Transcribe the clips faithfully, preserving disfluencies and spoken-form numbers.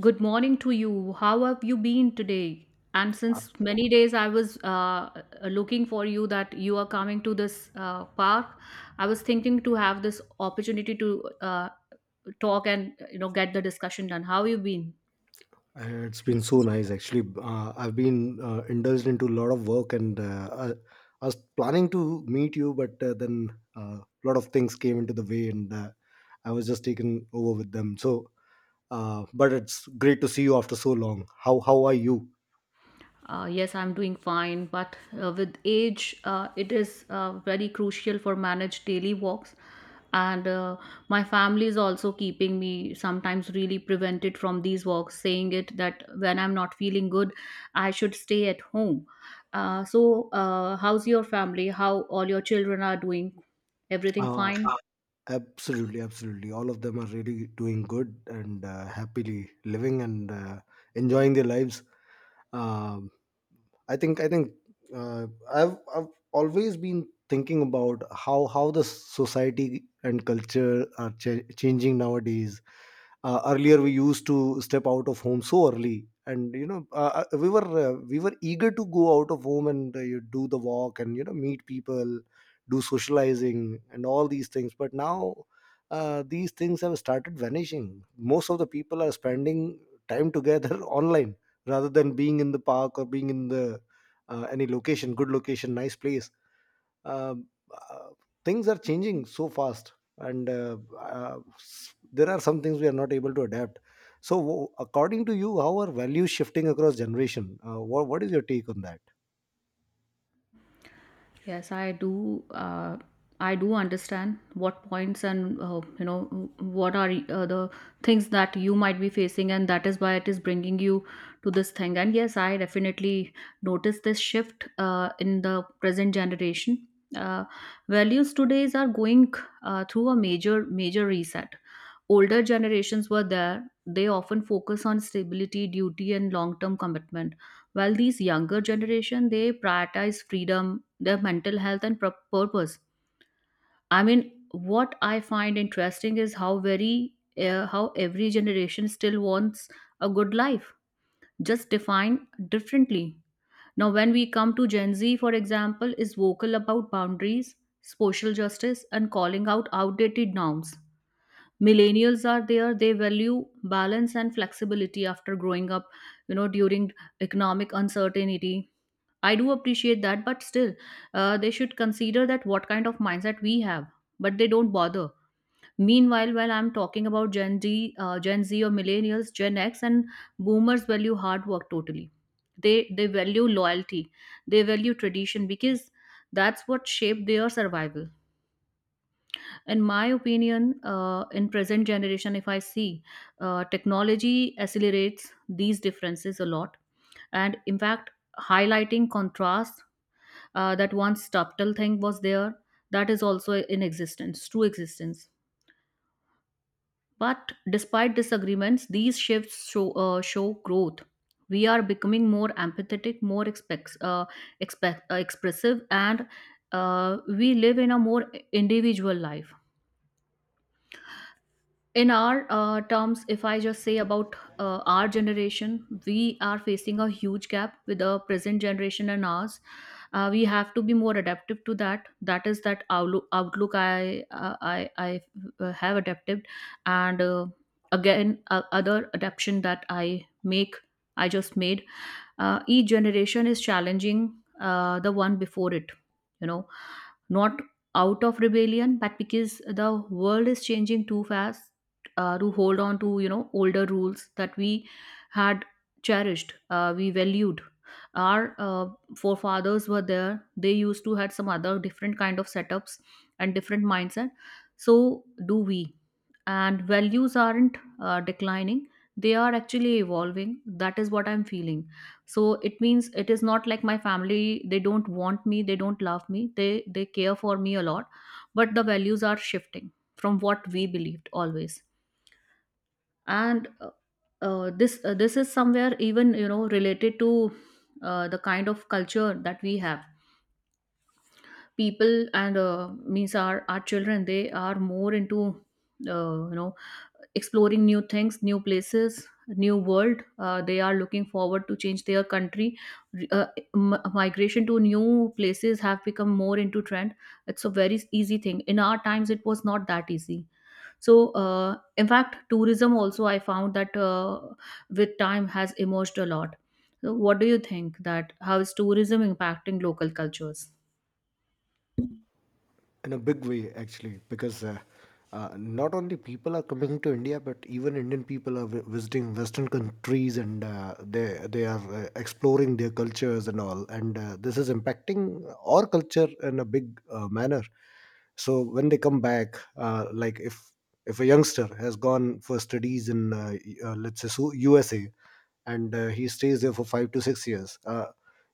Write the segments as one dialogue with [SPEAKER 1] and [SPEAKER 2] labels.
[SPEAKER 1] Good morning to you. How have you been today? And since many days I was uh, looking for you that you are coming to this uh, park. I was thinking to have this opportunity to uh, talk and you know get the discussion done. How you been?
[SPEAKER 2] Uh, It's been so nice, actually. Uh, I've been uh, indulged into a lot of work, and uh, I, I was planning to meet you, but uh, then uh, a uh, lot of things came into the way, and uh, I was just taken over with them. So, uh, but it's great to see you after so long. How how are you?
[SPEAKER 1] Uh, yes, I'm doing fine, but uh, with age, uh, it is uh, very crucial for manage daily walks, and uh, my family is also keeping me sometimes really prevented from these walks, saying it that when I'm not feeling good, I should stay at home. Uh, so, uh, how's your family? How all your children are doing? Everything
[SPEAKER 2] Uh,
[SPEAKER 1] fine?
[SPEAKER 2] Absolutely, absolutely. All of them are really doing good and uh, happily living and uh, enjoying their lives. um, I think I think uh, I've I've always been thinking about how how the society and culture are ch- changing nowadays. Uh, earlier we used to step out of home so early, and you know uh, uh, we were uh, we were eager to go out of home and uh, you do the walk and you know meet people, do socializing and all these things. But now, uh, these things have started vanishing. Most of the people are spending time together online, rather than being in the park or being in the uh, any location, good location, nice place. um, uh, Things are changing so fast, and uh, uh, s- there are some things we are not able to adapt. So, w- according to you, how are values shifting across generation? Uh, what, what is your take on that?
[SPEAKER 1] Yes, I do. Uh, I do understand what points and uh, you know what are uh, the things that you might be facing, and that is why it is bringing you to this thing. And yes, I definitely notice this shift uh, in the present generation. Uh, Values today are going uh, through a major major reset. Older generations were there, they often focus on stability, duty, and long-term commitment. While these younger generation, they prioritize freedom, their mental health, and pur- purpose. I mean, what I find interesting is how very uh, how every generation still wants a good life, just defined differently. Now, when we come to Gen Z, for example, is vocal about boundaries, social justice, and calling out outdated norms. Millennials are there, they value balance and flexibility after growing up you know during economic uncertainty. I do appreciate that, but still, uh, they should consider that what kind of mindset we have, but they don't bother. Meanwhile, while I'm talking about gen d uh, Gen Z or millennials, Gen X and boomers value hard work totally. They they value loyalty, they value tradition because that's what shaped their survival. In my opinion, uh, in present generation if I see, uh, technology accelerates these differences a lot, and in fact highlighting contrast, uh, that once subtle thing was there, that is also in existence, true existence. But despite disagreements, these shifts show, uh, show growth. We are becoming more empathetic, more expect, uh, expect, uh, expressive, and uh, we live in a more individual life. In our uh, terms, if I just say about uh, our generation, we are facing a huge gap with the present generation and ours. Uh, we have to be more adaptive to that. That is that outlook, outlook i uh, i i uh, have adapted. And uh, again uh, other adaptation that i make i just made. Uh, each generation is challenging uh, the one before it, you know not out of rebellion, but because the world is changing too fast uh, to hold on to you know older rules that we had cherished. Uh, we valued our uh, forefathers, were there they used to had some other different kind of setups and different mindset. So do we. And values aren't uh, declining, they are actually evolving. That is what I'm feeling. So it means it is not like my family, they don't want me, they don't love me, they they care for me a lot, but the values are shifting from what we believed always. And uh, uh, this uh, this is somewhere even you know related to uh, the kind of culture that we have, people, and uh, means our our children, they are more into uh, you know exploring new things, new places, new world. Uh, they are looking forward to change their country. uh, m- migration to new places have become more into trend. It's a very easy thing. In our times it was not that easy. So uh, in fact tourism also I found that uh, with time has emerged a lot. So what do you think, that how is tourism impacting local cultures?
[SPEAKER 2] In a big way, actually, because uh, uh, not only people are coming to India, but even Indian people are vi- visiting western countries and uh, they they are uh, exploring their cultures and all, and uh, this is impacting our culture in a big uh, manner. So when they come back, uh, like if if a youngster has gone for studies in uh, y- uh, let's say so- USA, and uh, he stays there for five to six years. Uh,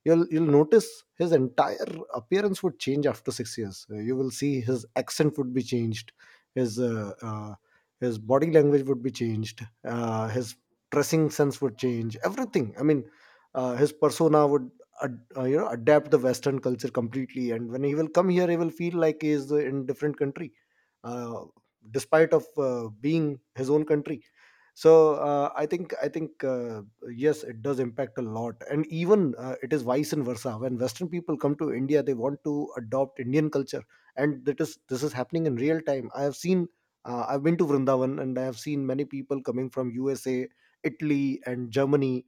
[SPEAKER 2] you'll you'll notice his entire appearance would change after six years. Uh, you will see his accent would be changed, his uh, uh, his body language would be changed, uh, his dressing sense would change, everything. I mean, uh, his persona would Ad, uh, you know adapt the western culture completely. And when he will come here, he will feel like he is uh, in different country, uh, despite of uh, being his own country. So uh, I think I think uh, yes, it does impact a lot. And even uh, it is vice and versa. When western people come to India, they want to adopt Indian culture, and that is this is happening in real time. I have seen uh, I've been to Vrindavan, and I have seen many people coming from USA, Italy, and Germany.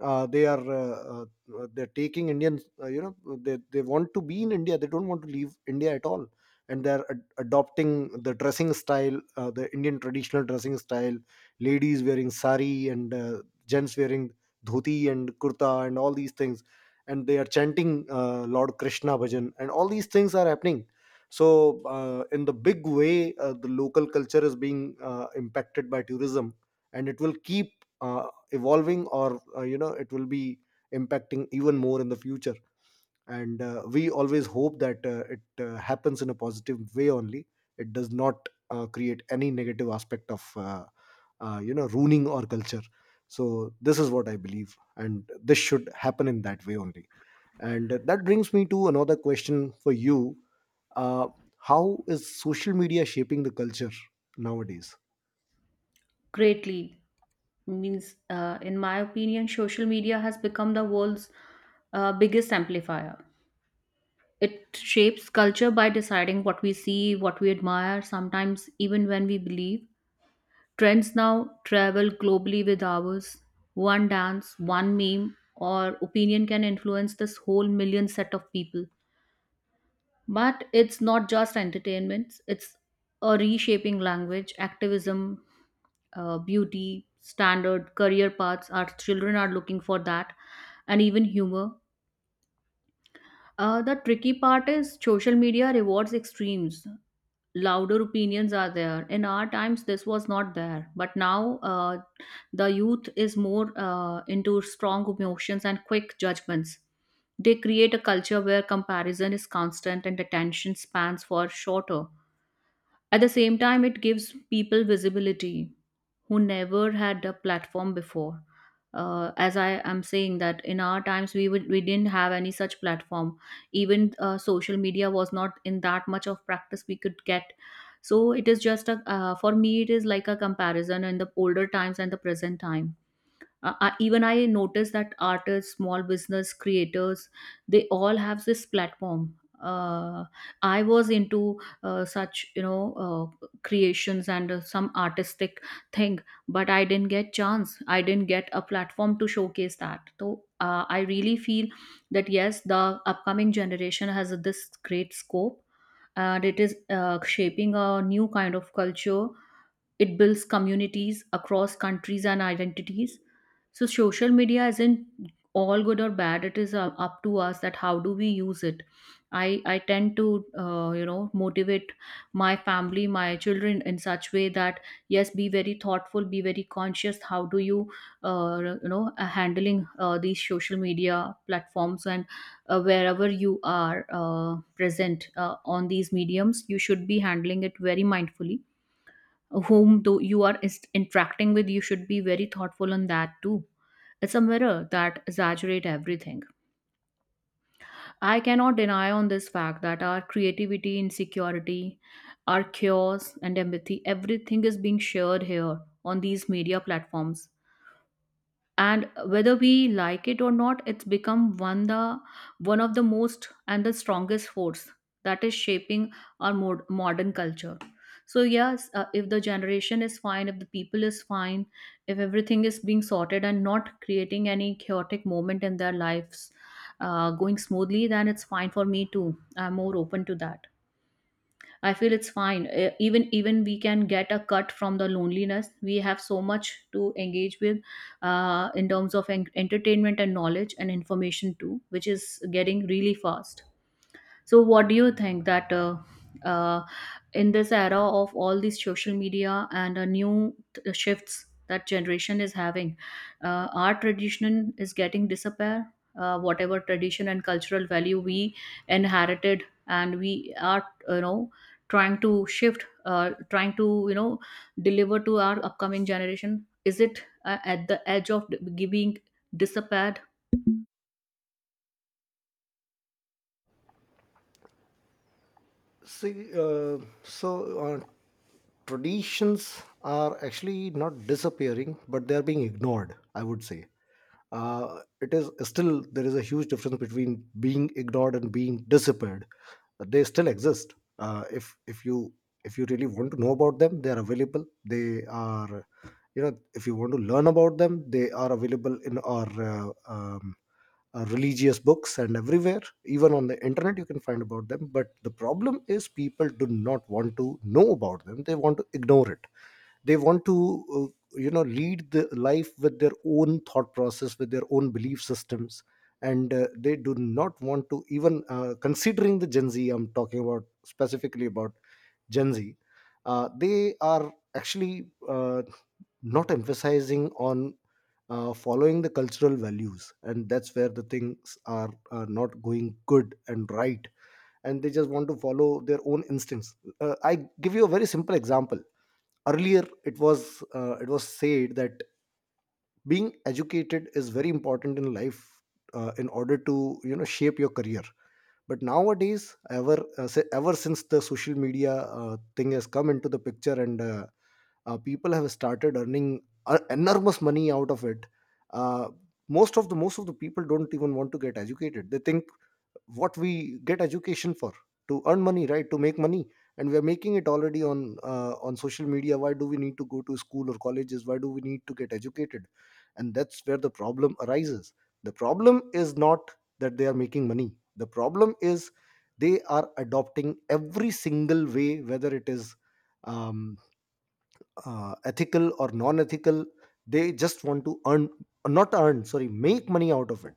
[SPEAKER 2] uh, they are uh, uh, they're taking Indians. Uh, you know, they they want to be in India. They don't want to leave India at all, and they're ad- adopting the dressing style, uh, the Indian traditional dressing style. Ladies wearing sari, and uh, gents wearing dhoti and kurta and all these things, and they are chanting uh, Lord Krishna bhajan, and all these things are happening. So, uh, in the big way, uh, the local culture is being uh, impacted by tourism, and it will keep uh, evolving, or uh, you know it will be impacting even more in the future. And uh, we always hope that uh, it uh, happens in a positive way only. It does not uh, create any negative aspect of uh, uh, you know ruining our culture. So this is what I believe, and this should happen in that way only. And that brings me to another question for you. Uh, how is social media shaping the culture nowadays?
[SPEAKER 1] Greatly. Means, uh, in my opinion social media has become the world's uh, biggest amplifier. It shapes culture by deciding what we see, what we admire, sometimes even when we believe. Trends now travel globally with ours. One dance, one meme or opinion can influence this whole million set of people. But it's not just entertainment, it's a reshaping language, activism, uh, beauty, standard, career paths. Our children are looking for that, and even humor. Uh, the tricky part is social media rewards extremes, louder opinions are there. In our times this was not there, but now uh, the youth is more uh, into strong emotions and quick judgments. They create a culture where comparison is constant and attention spans for shorter. At the same time, it gives people visibility who never had a platform before. Uh, as I am saying that in our times we would we didn't have any such platform. Even uh, social media was not in that much of practice we could get. So it is just a uh, for me it is like a comparison in the older times and the present time. uh, I, even i noticed that artists, small business creators, they all have this platform. uh, I was into uh, such you know uh, creations and uh, some artistic thing, but I didn't get chance, I didn't get a platform to showcase that. So uh, I really feel that yes, the upcoming generation has this great scope, and it is uh, shaping a new kind of culture. It builds communities across countries and identities. So social media isn't all good or bad. It is uh, up to us, that how do we use it. I I tend to uh, you know motivate my family, my children in such way that yes, be very thoughtful, be very conscious. How do you uh, you know uh, handling uh, these social media platforms? And uh, wherever you are uh, present uh, on these mediums, you should be handling it very mindfully. Whom though you are is- interacting with, you should be very thoughtful on that too. It's a mirror that exaggerate everything. I cannot deny on this fact that our creativity, insecurity, our chaos and empathy, everything is being shared here on these media platforms, and whether we like it or not, it's become one the one of the most and the strongest force that is shaping our mod- modern culture. So yes, uh, if the generation is fine, if the people is fine, if everything is being sorted and not creating any chaotic moment in their lives, uh, going smoothly, then it's fine for me too. I'm more open to that. I feel it's fine. Uh, even even we can get a cut from the loneliness. We have so much to engage with uh, in terms of en- entertainment and knowledge and information too, which is getting really fast. So, what do you think, that uh, uh, in this era of all these social media and uh, new t- shifts that generation is having, uh, our tradition is getting disappear? Uh, whatever tradition and cultural value we inherited, and we are you know trying to shift, uh, trying to you know deliver to our upcoming generation. Is it uh, at the edge of d- being disappeared?
[SPEAKER 2] See, uh, so uh, traditions are actually not disappearing, but they are being ignored, I would say. Uh, it is still there is a huge difference between being ignored and being disappeared. They still exist. Uh, if if you if you really want to know about them, they are available. They are, you know, if you want to learn about them, they are available in our uh, um, uh, religious books and everywhere, even on the internet you can find about them. But the problem is people do not want to know about them. They want to ignore it. They want to uh, you know lead the life with their own thought process, with their own belief systems. And uh, they do not want to even uh, considering the Gen Z, I'm talking about, specifically about Gen Z. uh, they are actually uh, not emphasizing on uh, following the cultural values, and that's where the things are uh, not going good and right. And they just want to follow their own instincts. Uh, I give you a very simple example. Earlier it was uh, it was said that being educated is very important in life, uh, in order to you know shape your career. But nowadays, ever uh, si- ever since the social media uh, thing has come into the picture, and uh, uh, people have started earning uh, enormous money out of it. Uh, most of the most of the people don't even want to get educated. They think, what we get education for? To earn money, right? To make money. And we are making it already on uh, on social media. Why do we need to go to school or colleges? Why do we need to get educated? And that's where the problem arises. The problem is not that they are making money. The problem is they are adopting every single way, whether it is um, uh, ethical or non ethical. They just want to earn, not earn, sorry, make money out of it.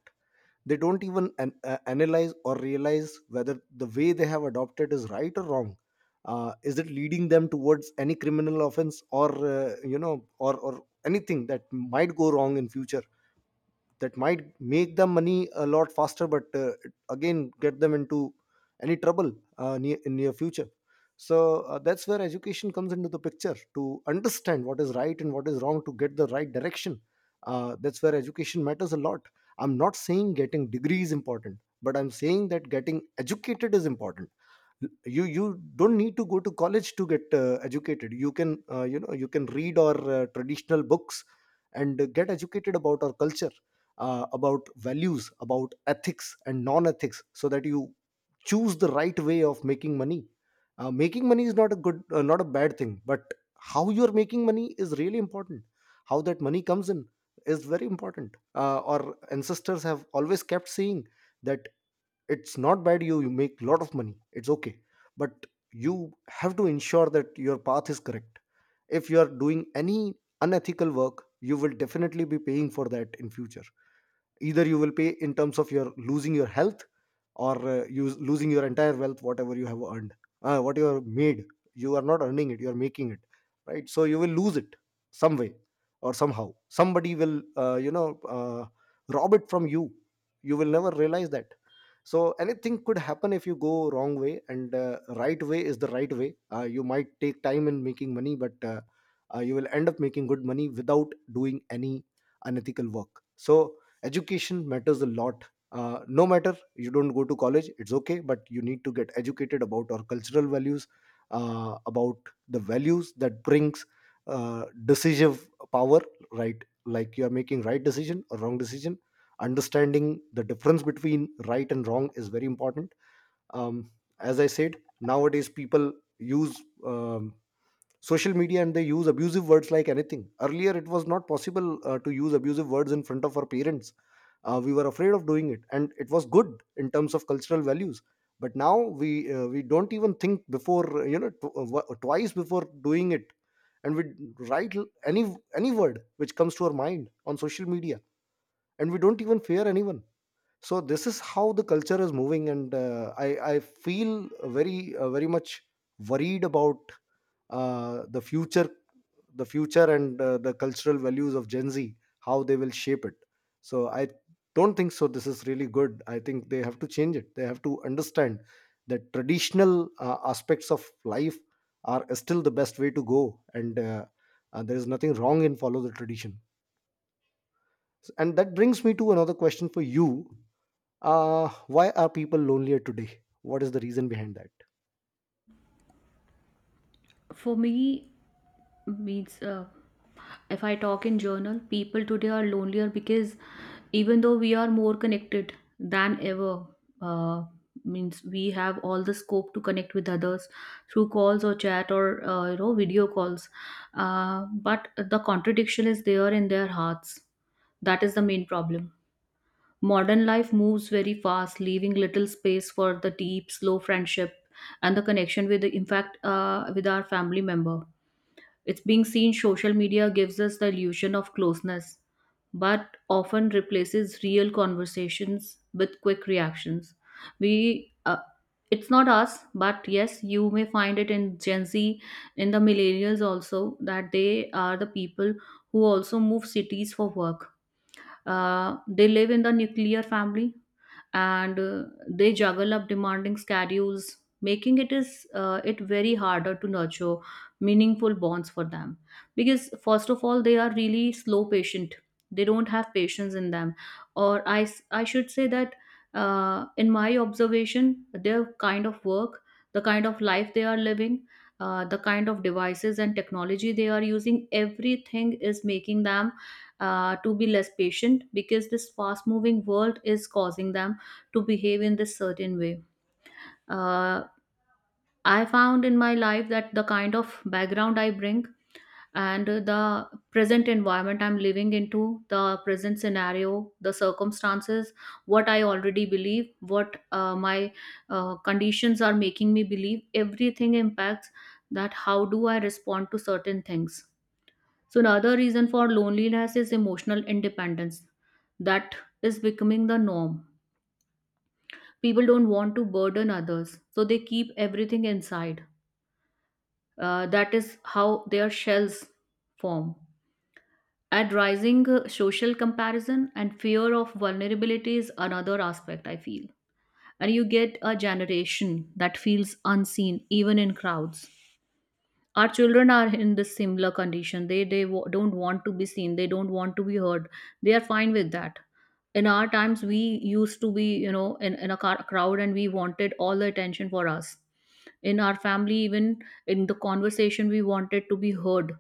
[SPEAKER 2] They don't even an, uh, analyze or realize whether the way they have adopted is right or wrong. Uh, is it leading them towards any criminal offense, or uh, you know or or anything that might go wrong in future? That might make them money a lot faster, but uh, it again get them into any trouble uh, near, in near future. So uh, that's where education comes into the picture, to understand what is right and what is wrong, to get the right direction. Uh, that's where education matters a lot. I'm not saying getting degree is important, but I'm saying that getting educated is important. You you don't need to go to college to get uh, educated. You can uh, you know you can read our uh, traditional books and uh, get educated about our culture, uh, about values, about ethics and non ethics, so that you choose the right way of making money. Uh, making money is not a good, uh, not a bad thing, but how you are making money is really important. How that money comes in is very important. Uh, our ancestors have always kept saying that it's not bad you, you make lot of money, it's okay, but you have to ensure that your path is correct. If you are doing any unethical work, you will definitely be paying for that in future. Either you will pay in terms of your losing your health, or uh, you losing your entire wealth, whatever you have earned, uh, what you have made. You are not earning it, you are making it, right? So you will lose it some way or somehow. Somebody will uh, you know uh, rob it from you. You will never realize that. So anything could happen if you go wrong way. And uh, right way is the right way. Uh, you might take time in making money, but uh, uh, you will end up making good money without doing any unethical work. So education matters a lot. Uh, no matter you don't go to college, it's okay, but you need to get educated about our cultural values, uh, about the values that brings uh, decisive power, right? Like you are making right decision or wrong decision. Understanding the difference between right and wrong is very important. um, as I said, nowadays people use um, social media, and they use abusive words like anything. Earlier it was not possible uh, to use abusive words in front of our parents. Uh, we were afraid of doing it, and it was good in terms of cultural values. But now we uh, we don't even think before uh, you know tw- uh, wa- twice before doing it. And we write l- any any word which comes to our mind on social media, and we don't even fear anyone. So this is how the culture is moving. And uh, i i feel very uh, very much worried about uh, the future the future, and uh, the cultural values of Gen Z, how they will shape it. So I don't think so this is really good. I think they have to change it. They have to understand that traditional uh, aspects of life are still the best way to go. And uh, uh, there is nothing wrong in follow the tradition. And that brings me to another question for you. Uh, why are people lonelier today? What is the reason behind that?
[SPEAKER 1] For me, means, uh, if I talk in journal, people today are lonelier because even though we are more connected than ever. uh, Means we have all the scope to connect with others through calls or chat or uh, you know video calls. Uh, but the contradiction is there in their hearts. That is the main problem. Modern life moves very fast, leaving little space for the deep slow friendship and the connection with, the in fact, uh, with our family member. It's being seen social media gives us the illusion of closeness, but often replaces real conversations with quick reactions. We, uh, it's not us, but yes, you may find it in Gen Z, in the millennials also, that they are the people who also move cities for work. Uh, they live in the nuclear family, and uh, they juggle up demanding schedules, making it is uh, it very harder to nurture meaningful bonds for them. Because first of all they are really slow patient, they don't have patience in them. Or i s- i should say that, uh, in my observation, their kind of work, the kind of life they are living, uh, the kind of devices and technology they are using, everything is making them uh, to be less patient, because this fast moving world is causing them to behave in this certain way. Uh, I found in my life that the kind of background I bring and the present environment I'm living into, the present scenario, the circumstances, what I already believe, what uh, my uh, conditions are making me believe, everything impacts that how do I respond to certain things. So, another reason for loneliness is emotional independence. That is becoming the norm. People don't want to burden others, so they keep everything inside. Uh, that is how their shells form. And rising uh, social comparison and fear of vulnerability is another aspect I feel, and you get a generation that feels unseen even in crowds. Our children are in this similar condition. They they w- don't want to be seen, they don't want to be heard, they are fine with that. In our times we used to be, you know in, in a car, crowd, and we wanted all the attention for us. In our family, even in the conversation, we wanted to be heard.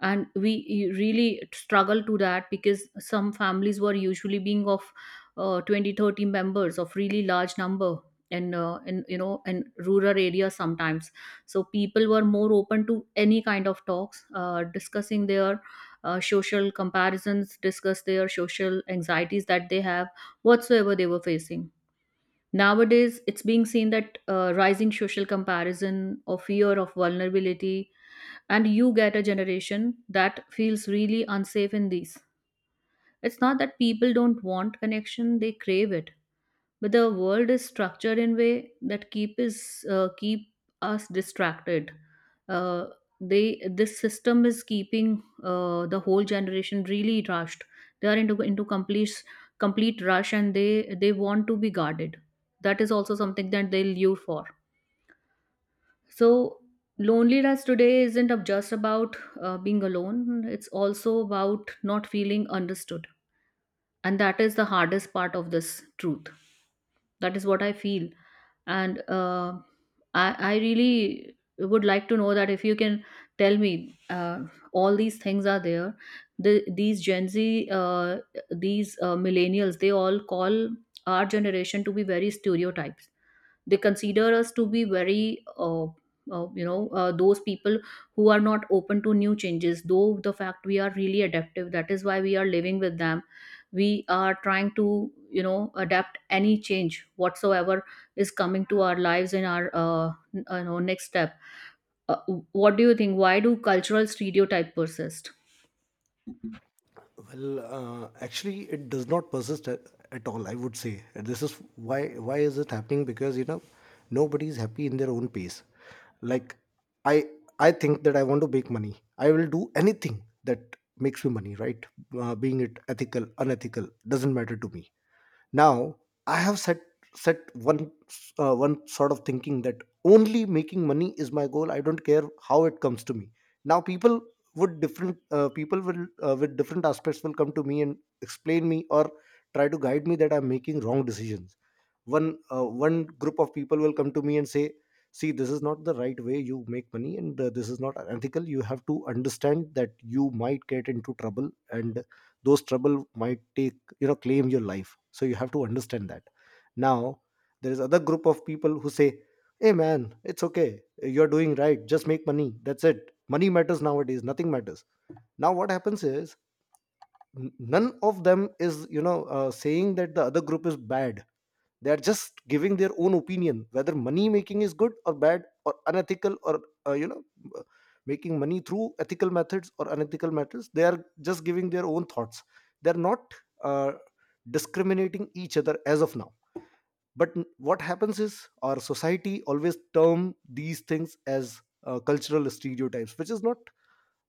[SPEAKER 1] And we really struggle to that because some families were usually being of uh, twenty thirty members, of really large number, and uh, in, you know in rural areas sometimes. So people were more open to any kind of talks, uh, discussing their uh, social comparisons, discuss their social anxieties that they have, whatsoever they were facing. Nowadays it's being seen that uh, rising social comparison or fear of vulnerability, and you get a generation that feels really unsafe in these. It's not that people don't want connection, they crave it. But the world is structured in way that keep is uh, keep us distracted. Uh, they this system is keeping uh, the whole generation really rushed. They are into into complete complete rush, and they they want to be guarded. That is also something that they lure for. So, loneliness today isn't ab- just about uh, being alone, it's also about not feeling understood. And that is the hardest part of this truth. That is what I feel. And uh, I, I really would like to know that if you can tell me uh, all these things are there. The, these Gen Z, uh, these uh, millennials, they all call our generation to be very stereotyped. They consider us to be very uh, uh, you know uh, those people who are not open to new changes, though the fact we are really adaptive. That is why we are living with them. We are trying to, you know adapt any change whatsoever is coming to our lives, in our uh, n- uh, you know next step. uh, what do you think, why do cultural stereotype persist?
[SPEAKER 2] Well, uh, actually, it does not persist at, at all. I would say this is why. Why is it happening? Because you know, nobody is happy in their own pace. Like I, I think that I want to make money. I will do anything that makes me money. Right? Uh, being it ethical, unethical, doesn't matter to me. Now I have set set one uh, one sort of thinking that only making money is my goal. I don't care how it comes to me. Now people would different uh, people will uh, with different aspects will come to me and explain me or try to guide me that I'm making wrong decisions. One uh, one group of people will come to me and say, see, this is not the right way you make money, and uh, this is not ethical. You have to understand that you might get into trouble and those trouble might take, you know, claim your life, so you have to understand that. Now there is other group of people who say, hey man, it's okay, you're doing right, just make money, that's it, money matters nowadays, nothing matters. Now what happens is, n- none of them is, you know, uh, saying that the other group is bad. They are just giving their own opinion whether money making is good or bad or unethical or uh, you know, uh, making money through ethical methods or unethical methods. They are just giving their own thoughts. They are not uh, discriminating each other as of now. But n- what happens is our society always term these things as uh, cultural stereotypes, which is not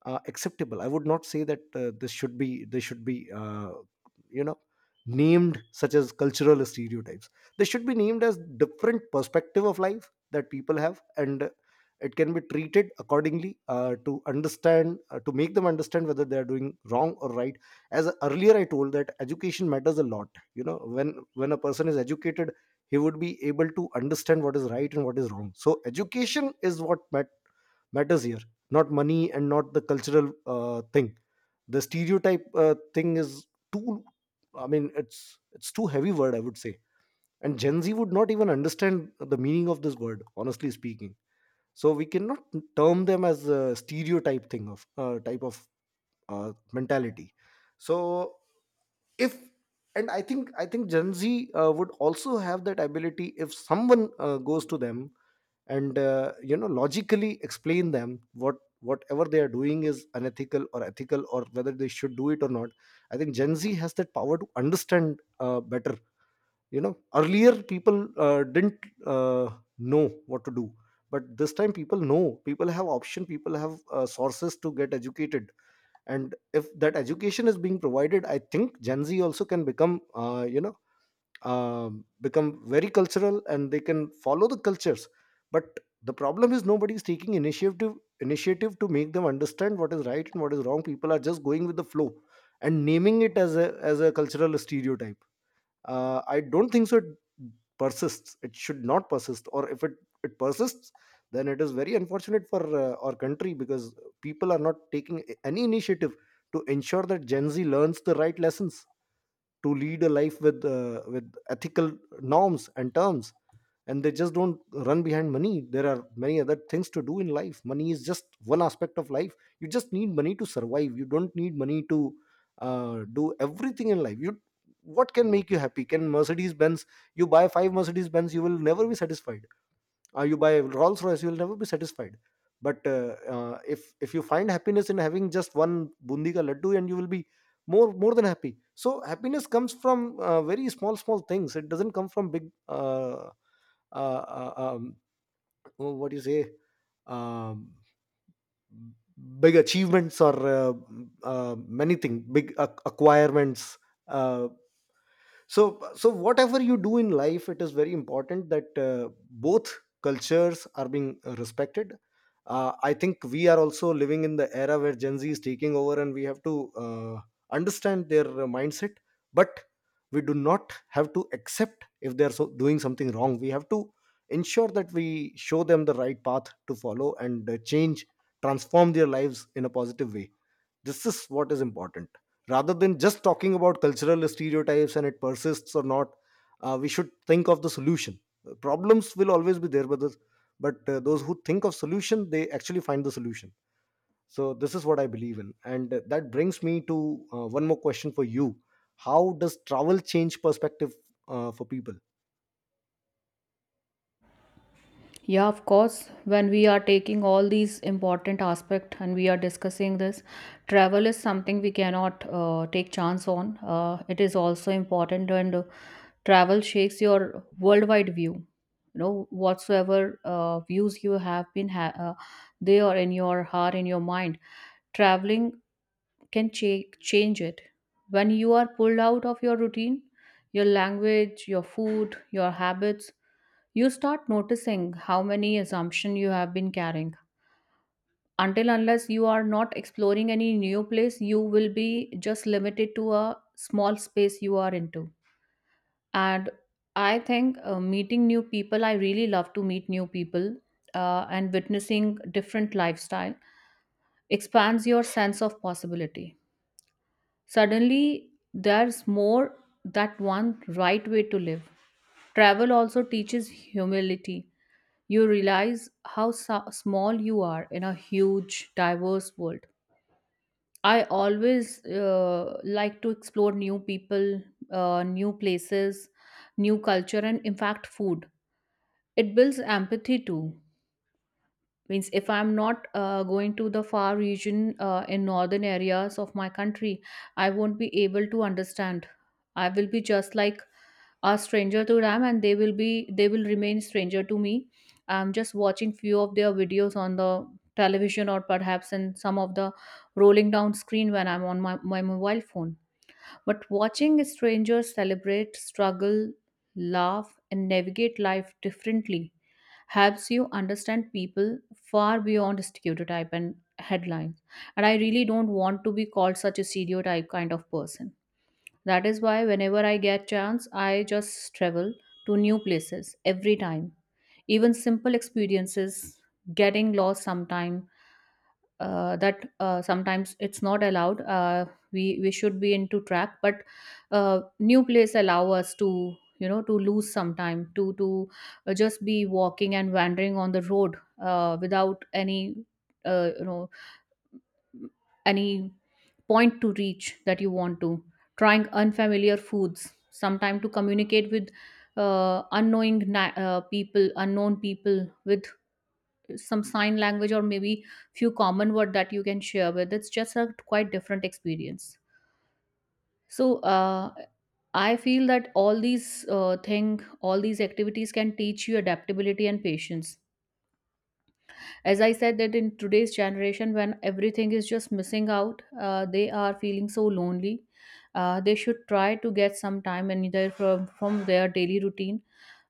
[SPEAKER 2] uh, acceptable. I would not say that uh, this should be this should be uh, you know, named such as cultural stereotypes. They should be named as different perspective of life that people have, and it can be treated accordingly uh, to understand, uh, to make them understand whether they are doing wrong or right. As earlier I told that education matters a lot. You know, when when a person is educated, he would be able to understand what is right and what is wrong. So education is what mat- matters here, not money and not the cultural uh, thing. The stereotype uh, thing is too, I mean, it's it's too heavy word, I would say. And Gen Z would not even understand the meaning of this word, honestly speaking. So we cannot term them as a stereotype thing of uh, type of uh, mentality. So if, and i think i think Gen Z uh, would also have that ability. If someone uh, goes to them and uh, you know, logically explain them what whatever they are doing is unethical or ethical or whether they should do it or not. I think Gen Z has that power to understand uh, better. You know, earlier people uh, didn't uh, know what to do, but this time people know, people have option, people have uh, sources to get educated. And if that education is being provided, I think Gen Z also can become uh, you know, um, become very cultural and they can follow the cultures. But the problem is nobody is taking initiative, initiative to make them understand what is right and what is wrong. People are just going with the flow and naming it as a as a cultural stereotype. uh, I don't think so it persists. It should not persist. Or if it, it persists, then it is very unfortunate for uh, our country, because people are not taking any initiative to ensure that Gen Z learns the right lessons to lead a life with uh, with ethical norms and terms, and they just don't run behind money. There are many other things to do in life. Money is just one aspect of life. You just need money to survive. You don't need money to uh, do everything in life. You, what can make you happy? Can Mercedes Benz? You buy five Mercedes Benz, you will never be satisfied. Uh, you buy Rolls Royce, you will never be satisfied. But uh, uh, if if you find happiness in having just one bundi ka laddu, and you will be more more than happy. So happiness comes from uh, very small, small things. It doesn't come from big, uh, uh, uh, um, oh, what do you say, um, big achievements or uh, uh, many things, big ac- acquirements. Uh, so, so whatever you do in life, it is very important that uh, both cultures are being respected. uh, I think we are also living in the era where Gen Z is taking over, and we have to uh, understand their uh, mindset. But we do not have to accept. If they are so doing something wrong, we have to ensure that we show them the right path to follow, and uh, change, transform their lives in a positive way. This is what is important. Rather than just talking about cultural stereotypes and it persists or not, uh, we should think of the solution. Uh, Problems will always be there, but, the, but uh, those who think of solution, they actually find the solution. So this is what I believe in, and uh, that brings me to uh, one more question for you. How does travel change perspective uh, for people?
[SPEAKER 1] Yeah, of course, when we are taking all these important aspect and we are discussing this, travel is something we cannot uh, take chance on. Uh, it is also important, and uh, travel shakes your worldwide view. You know, whatsoever uh, views you have been ha- uh, there in your heart, in your mind, traveling can cha- change it. When you are pulled out of your routine, your language, your food, your habits, you start noticing how many assumptions you have been carrying. Until unless you are not exploring any new place, you will be just limited to a small space you are into. And I think, uh, meeting new people, I really love to meet new people, uh, and witnessing different lifestyle expands your sense of possibility. Suddenly there's more that one right way to live. Travel also teaches humility. You realize how so- small you are in a huge, diverse world. I always uh, like to explore new people, uh, new places, new culture, and in fact, food. It builds empathy too. Means if I'm not uh, going to the far region uh, in northern areas of my country, I won't be able to understand. I will be just like are stranger to them, and they will be they will remain stranger to me. I'm just watching few of their videos on the television, or perhaps in some of the rolling down screen when I'm on my, my mobile phone. But watching strangers celebrate, struggle, laugh, and navigate life differently helps you understand people far beyond stereotype and headlines. And I really don't want to be called such a stereotype kind of person. That is why whenever I get chance, I just travel to new places every time. Even simple experiences, getting lost sometime, uh, that uh, sometimes it's not allowed. Uh, we we should be into track, but uh, new place allow us to, you know to lose some time, to to uh, just be walking and wandering on the road uh, without any uh, you know any point to reach that you want to, trying unfamiliar foods sometime, to communicate with uh, unknowing na- uh, people, unknown people, with some sign language, or maybe few common word that you can share with. It's just a quite different experience. So, uh, I feel that all these uh, thing all these activities can teach you adaptability and patience. As I said, that in today's generation when everything is just missing out, uh, they are feeling so lonely. Uh, they should try to get some time, and either from, from their daily routine,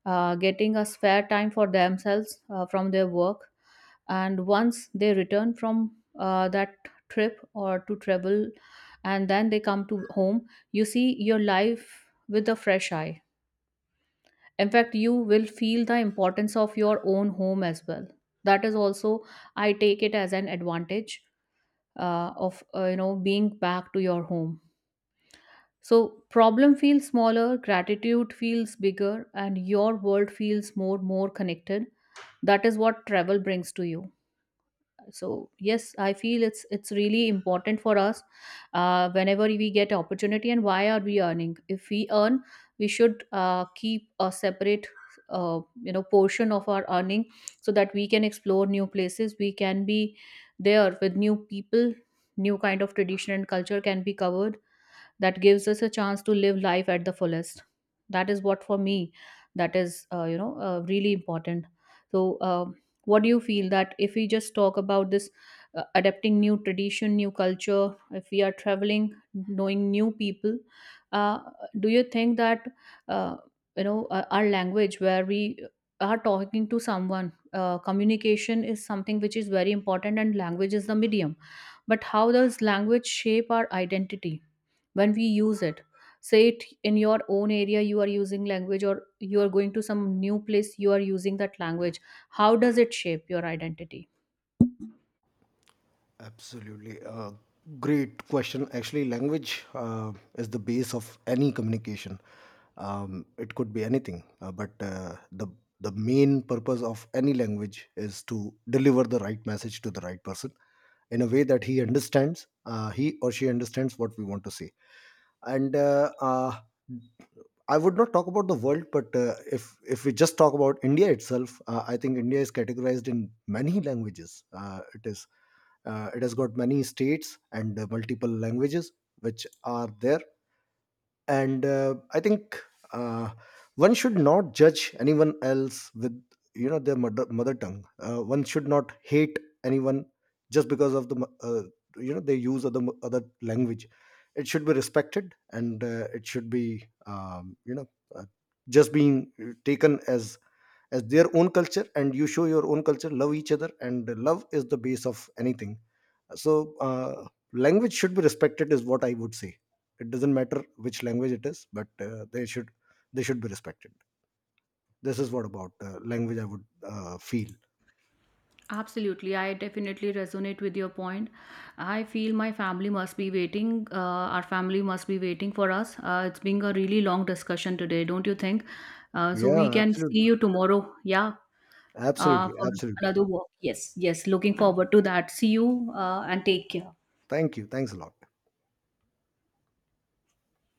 [SPEAKER 1] uh, getting a spare time for themselves uh, from their work. And once they return from uh, that trip or to travel, and then they come to home, you see your life with a fresh eye. In fact, you will feel the importance of your own home as well. That is also, I take it as an advantage uh, of uh, you know being back to your home. So problem feels smaller, gratitude feels bigger, and your world feels more more connected. That is what travel brings to you. So yes, I feel it's it's really important for us, uh, whenever we get opportunity. And why are we earning? If we earn, we should uh, keep a separate, uh, you know portion of our earning, so that we can explore new places, we can be there with new people, new kind of tradition and culture can be covered. That gives us a chance to live life at the fullest. That is what, for me, that is uh, you know uh, really important. So uh, what do you feel, that if we just talk about this, uh, adapting new tradition, new culture, if we are traveling, knowing new people, uh, do you think that, uh, you know uh, our language, where we are talking to someone, uh, communication is something which is very important, and language is the medium. But how does language shape our identity when we use it? Say it in your own area you are using language, or you are going to some new place you are using that language, how does it shape your identity?
[SPEAKER 2] Absolutely. Uh, great question. Actually, language uh, is the base of any communication. Um, it could be anything, uh, but uh, the the main purpose of any language is to deliver the right message to the right person in a way that he understands, uh, he or she understands what we want to say. And uh, uh, I would not talk about the world, but uh, if if we just talk about India itself, uh, I think India is categorized in many languages. Uh, it is uh, it has got many states and uh, multiple languages which are there. And uh, I think uh, one should not judge anyone else with, you know, their mother, mother tongue. Uh, one should not hate anyone just because of the mo- uh, you know, they use other mo- other language. It should be respected, and uh, it should be, um, you know, uh, just being taken as as their own culture. And you show your own culture, love each other, and love is the base of anything. So uh, language should be respected, is what I would say. It doesn't matter which language it is, but uh, they should they should be respected. This is what about uh, language I would uh, feel.
[SPEAKER 1] Absolutely, I definitely resonate with your point. I feel my family must be waiting. Uh, our family must be waiting for us. Uh, it's been a really long discussion today, don't you think? Uh, so we
[SPEAKER 2] Yeah,
[SPEAKER 1] can see
[SPEAKER 2] absolutely,
[SPEAKER 1] you tomorrow. Yeah, uh,
[SPEAKER 2] absolutely,
[SPEAKER 1] for
[SPEAKER 2] absolutely.
[SPEAKER 1] another walk. Yes, yes. Looking forward to that. See you uh, and take care.
[SPEAKER 2] Thank you, thanks a lot.